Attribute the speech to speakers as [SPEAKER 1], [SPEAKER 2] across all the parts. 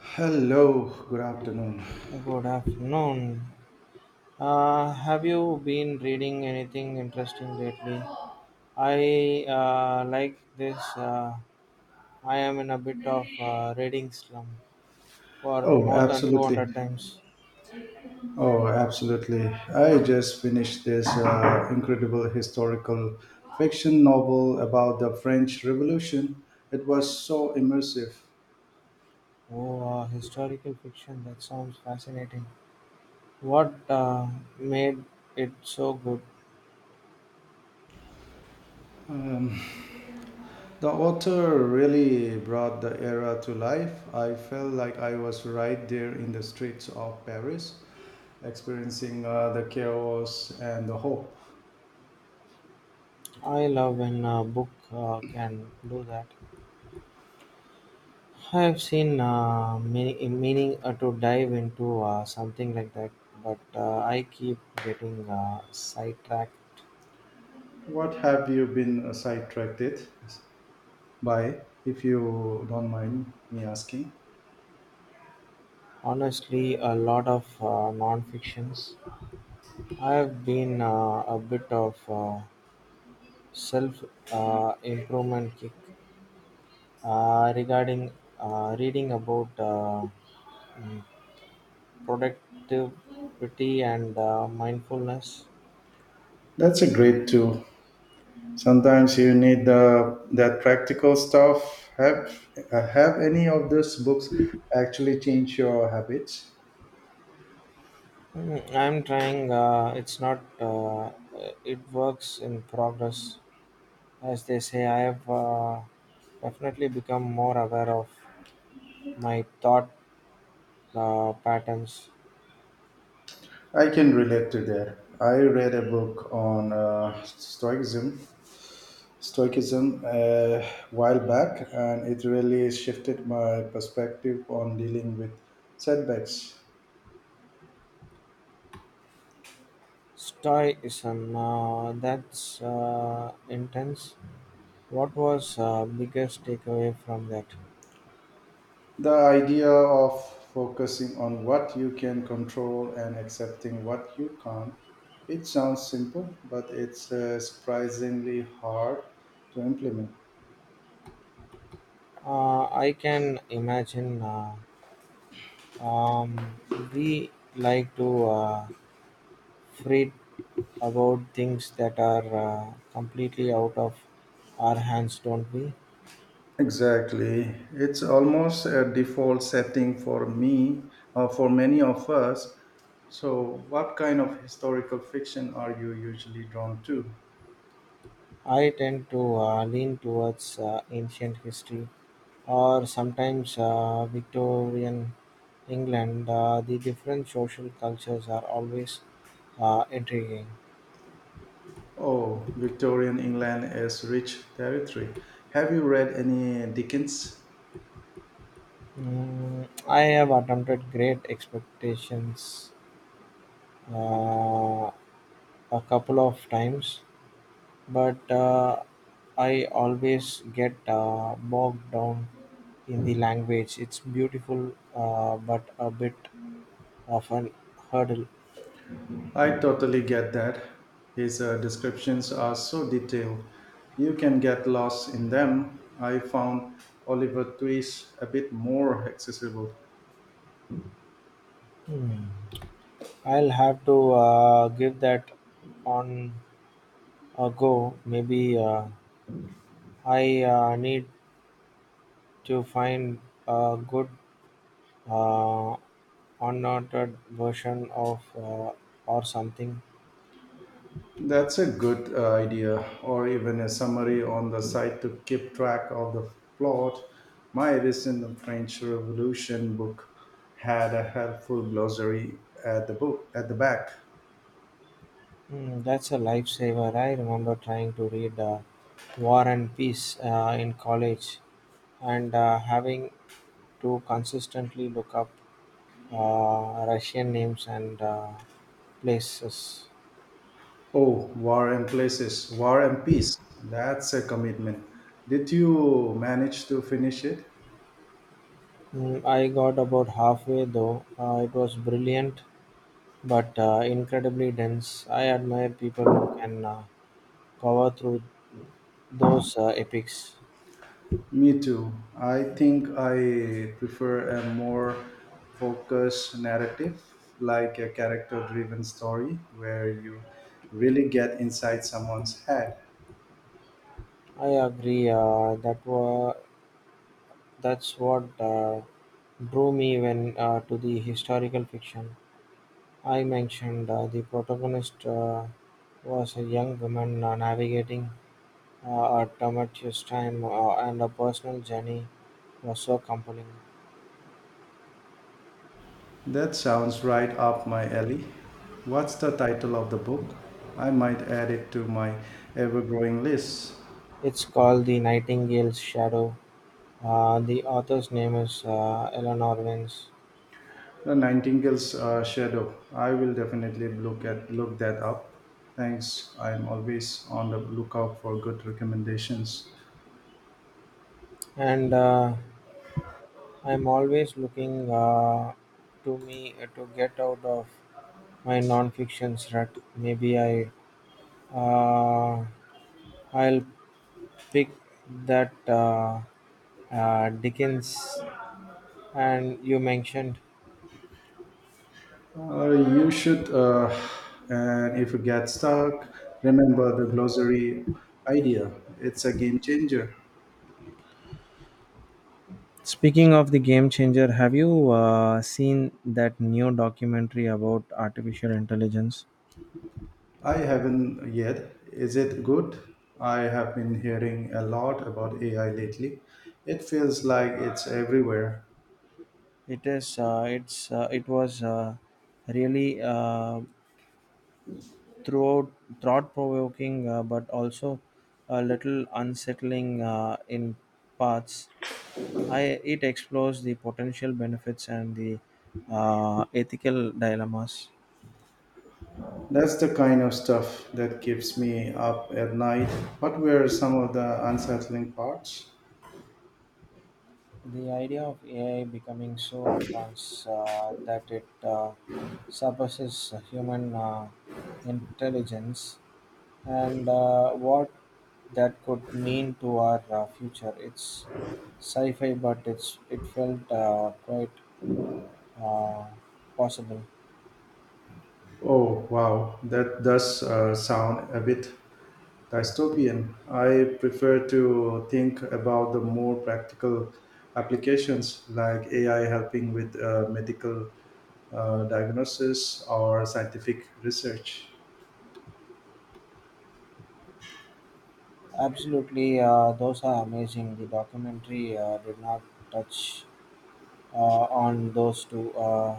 [SPEAKER 1] Hello, good afternoon.
[SPEAKER 2] Good afternoon. Have you been reading anything interesting lately? I like this. I am in a bit of reading slum for
[SPEAKER 1] Oh,
[SPEAKER 2] more than
[SPEAKER 1] absolutely.
[SPEAKER 2] 200 times.
[SPEAKER 1] Oh, absolutely. I just finished this incredible historical fiction novel about the French Revolution. It was so immersive.
[SPEAKER 2] Oh, historical fiction. That sounds fascinating. What made it so good?
[SPEAKER 1] Um, the author really brought the era to life. I felt like I was right there in the streets of Paris, experiencing the chaos and the hope.
[SPEAKER 2] I love when a book can do that. I have seen many, meaning to dive into something like that, but I keep getting sidetracked.
[SPEAKER 1] What have you been sidetracked? Bye, if you don't mind me asking.
[SPEAKER 2] Honestly, a lot of non-fictions. I have been a bit of self-improvement kick regarding reading about mm, productivity and mindfulness.
[SPEAKER 1] That's a great tool. Sometimes you need the that practical stuff. Have any of those books actually changed your habits?
[SPEAKER 2] I'm trying. It's not. Uh, it works in progress, as they say. I have definitely become more aware of my thought patterns.
[SPEAKER 1] I can relate to that. I read a book on stoicism a while back, and it really shifted my perspective on dealing with setbacks.
[SPEAKER 2] Stoicism. That's intense. What was biggest takeaway from that?
[SPEAKER 1] The idea of focusing on what you can control and accepting what you can't, it sounds simple, but it's surprisingly hard to implement.
[SPEAKER 2] I can imagine. Um, we like to. Freed about things that are completely out of our hands, don't we?
[SPEAKER 1] Exactly. It's almost a default setting for me, or for many of us. So, what kind of historical fiction are you usually drawn to?
[SPEAKER 2] I tend to lean towards ancient history or sometimes Victorian England. The different social cultures are always intriguing.
[SPEAKER 1] Oh, Victorian England is rich territory. Have you read any Dickens?
[SPEAKER 2] I have attempted great expectations uh, a couple of times, but I always get bogged down in the language. It's beautiful, but a bit of an hurdle.
[SPEAKER 1] I totally get that. His descriptions are so detailed. You can get lost in them. I found Oliver Twist a bit more accessible.
[SPEAKER 2] Hmm. I'll have to give that on a go. Maybe I need to find a good uh, unnoted version of or something.
[SPEAKER 1] That's a good idea, or even a summary on the site to keep track of the plot. My recent French Revolution book had a helpful glossary at the back.
[SPEAKER 2] That's a lifesaver. I remember trying to read War and Peace in college and having to consistently look up Russian names and places.
[SPEAKER 1] Oh, War and Peace. That's a commitment. Did you manage to finish it?
[SPEAKER 2] I got about halfway though. It was brilliant but incredibly dense. I admire people who can power through those epics.
[SPEAKER 1] Me too. I think I prefer a more focused narrative, like a character driven story where you really get inside someone's head.
[SPEAKER 2] I agree that were That's what drew me when to the historical fiction. I mentioned the protagonist was a young woman navigating a tumultuous time, and her personal journey was so compelling.
[SPEAKER 1] That sounds right up my alley. What's the title of the book? I might add it to my ever growing list.
[SPEAKER 2] It's called The Nightingale's Shadow. The author's name is Eleanor Vance.
[SPEAKER 1] The Nightingale's Shadow. I will definitely look that up. Thanks. I'm always on the lookout for good recommendations.
[SPEAKER 2] And I'm always looking to me to get out of my non-fiction rut. Maybe I Uh, I'll pick that Dickens and you mentioned.
[SPEAKER 1] You should, and if you get stuck, remember the glossary idea. It's a game changer.
[SPEAKER 2] Speaking of the game changer, have you seen that new documentary about artificial intelligence?
[SPEAKER 1] I haven't yet. Is it good? I have been hearing a lot about AI lately. It feels like it's everywhere.
[SPEAKER 2] It is. It was really throughout thought provoking, but also a little unsettling in parts. It explores the potential benefits and the ethical dilemmas.
[SPEAKER 1] That's the kind of stuff that keeps me up at night. What were some of the unsettling parts?
[SPEAKER 2] The idea of AI becoming so advanced that it surpasses human intelligence and what that could mean to our future. It's sci-fi, but it felt quite uh, possible.
[SPEAKER 1] Oh, wow, that does sound a bit dystopian. I prefer to think about the more practical applications like AI helping with medical diagnosis or scientific research.
[SPEAKER 2] Absolutely, those are amazing. The documentary did not touch on those two,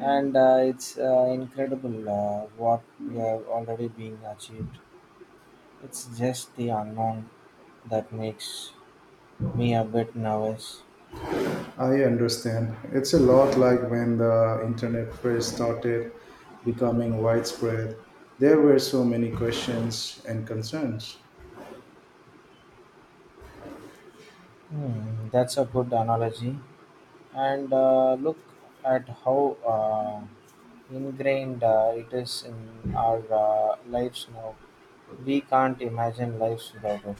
[SPEAKER 2] and it's incredible what we have already been achieved. It's just the unknown that makes me a bit nervous.
[SPEAKER 1] I understand. It's a lot like when the internet first started becoming widespread. There were so many questions and concerns.
[SPEAKER 2] That's a good analogy. And look at how ingrained it is in our lives now. We can't imagine lives without it.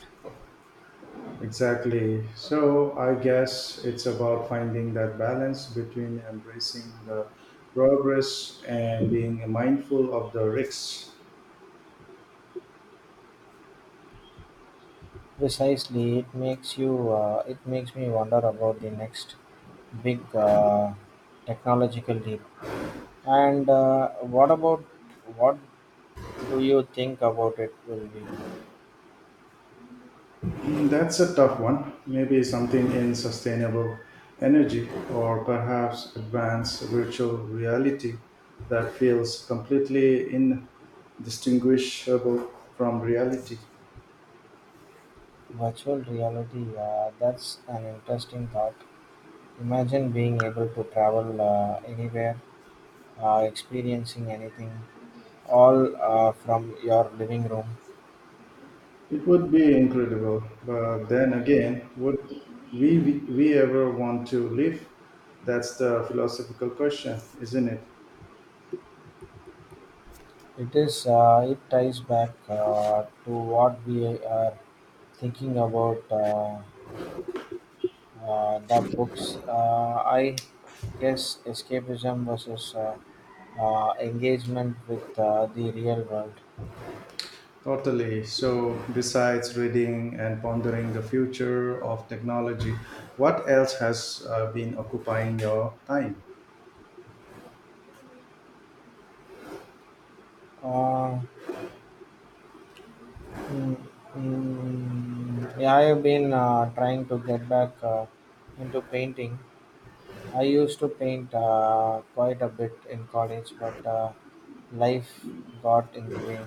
[SPEAKER 1] Exactly. So I guess it's about finding that balance between embracing the progress and being mindful of the risks.
[SPEAKER 2] Precisely, it makes me wonder about the next big technological leap. And what about what do you think about it will be?
[SPEAKER 1] Mm, that's a tough one. Maybe something in sustainable energy or perhaps advanced virtual reality that feels completely indistinguishable from reality.
[SPEAKER 2] Virtual reality, that's an interesting thought. Imagine being able to travel anywhere, experiencing anything, all from your living room.
[SPEAKER 1] It would be incredible, but then again, would we ever want to live? That's the philosophical question, isn't it?
[SPEAKER 2] It is. It ties back to what we are thinking about. The books, I guess, escapism versus engagement with the real world.
[SPEAKER 1] Totally. So, besides reading and pondering the future of technology, what else has been occupying your time?
[SPEAKER 2] Uh, mm, yeah, I have been trying to get back into painting. I used to paint quite a bit in college, but life got in the way.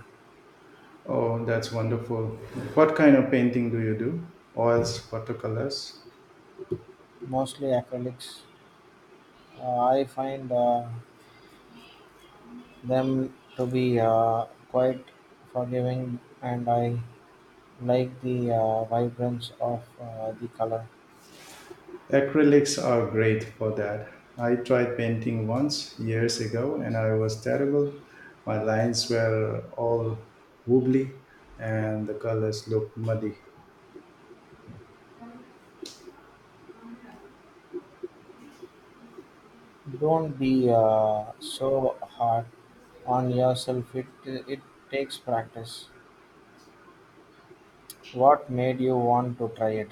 [SPEAKER 1] Oh, that's wonderful. What kind of painting do you do? Oils, watercolors?
[SPEAKER 2] Mostly acrylics. I find them to be quite forgiving, and I like the vibrance of the color.
[SPEAKER 1] Acrylics are great for that. I tried painting once years ago and I was terrible. My lines were all wobbly and the colors looked muddy.
[SPEAKER 2] Don't be so hard on yourself. It takes practice. What made you want to try it?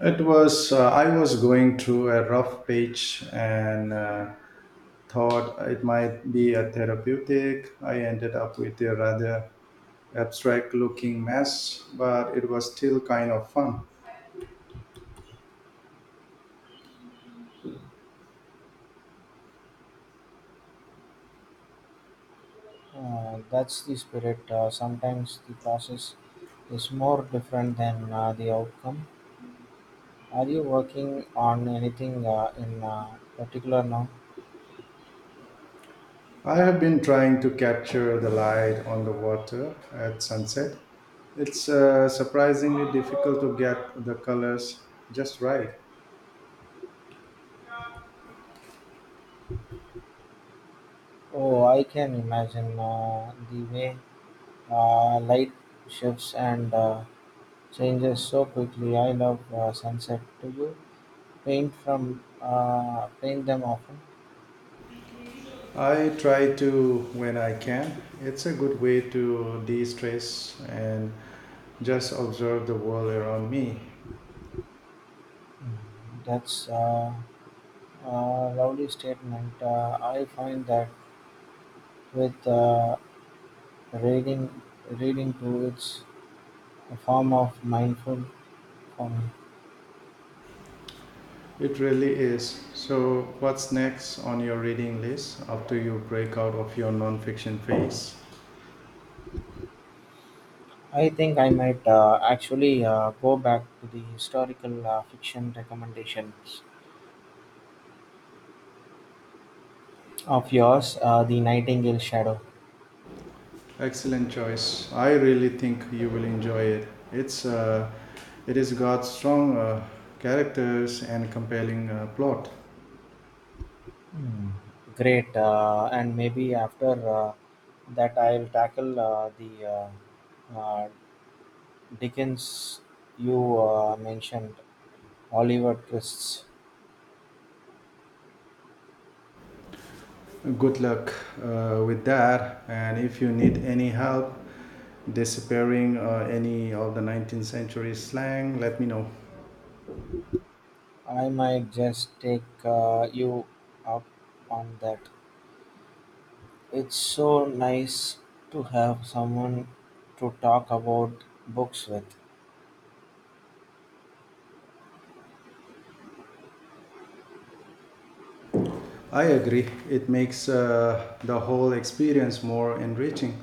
[SPEAKER 1] I was going through a rough patch and thought it might be a therapeutic. I ended up with a rather abstract looking mess, but it was still kind of fun.
[SPEAKER 2] That's the spirit. Sometimes the process is more different than the outcome. Are you working on anything in particular now?
[SPEAKER 1] I have been trying to capture the light on the water at sunset. It's surprisingly difficult to get the colors just right.
[SPEAKER 2] Oh, I can imagine the way light shifts and changes so quickly. I love sunset. Do you paint them often?
[SPEAKER 1] I try to when I can. It's a good way to de stress and just observe the world around me.
[SPEAKER 2] Mm, That's a lovely statement. I find that with reading, reading too, it's a form of mindful for me.
[SPEAKER 1] It really is. So, what's next on your reading list after you break out of your non-fiction phase?
[SPEAKER 2] I think I might actually go back to the historical fiction recommendations of yours, The Nightingale Shadow.
[SPEAKER 1] Excellent choice. I really think you will enjoy it. It is got strong characters and compelling plot.
[SPEAKER 2] Hmm. Great, and maybe after that I'll tackle the uh, uh, Dickens you mentioned, Oliver Twist.
[SPEAKER 1] Good luck with that. And if you need any help disappearing any of the 19th century slang, let me know.
[SPEAKER 2] I might just take you up on that. It's so nice to have someone to talk about books with.
[SPEAKER 1] I agree. It makes the whole experience more enriching.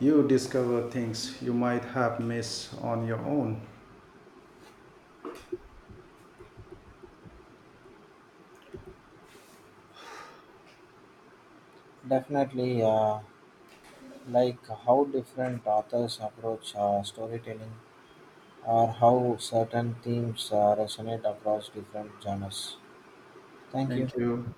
[SPEAKER 1] You discover things you might have missed on your own.
[SPEAKER 2] Definitely, like how different authors approach storytelling or how certain themes resonate across different genres. Thank
[SPEAKER 1] Thank
[SPEAKER 2] you.
[SPEAKER 1] you.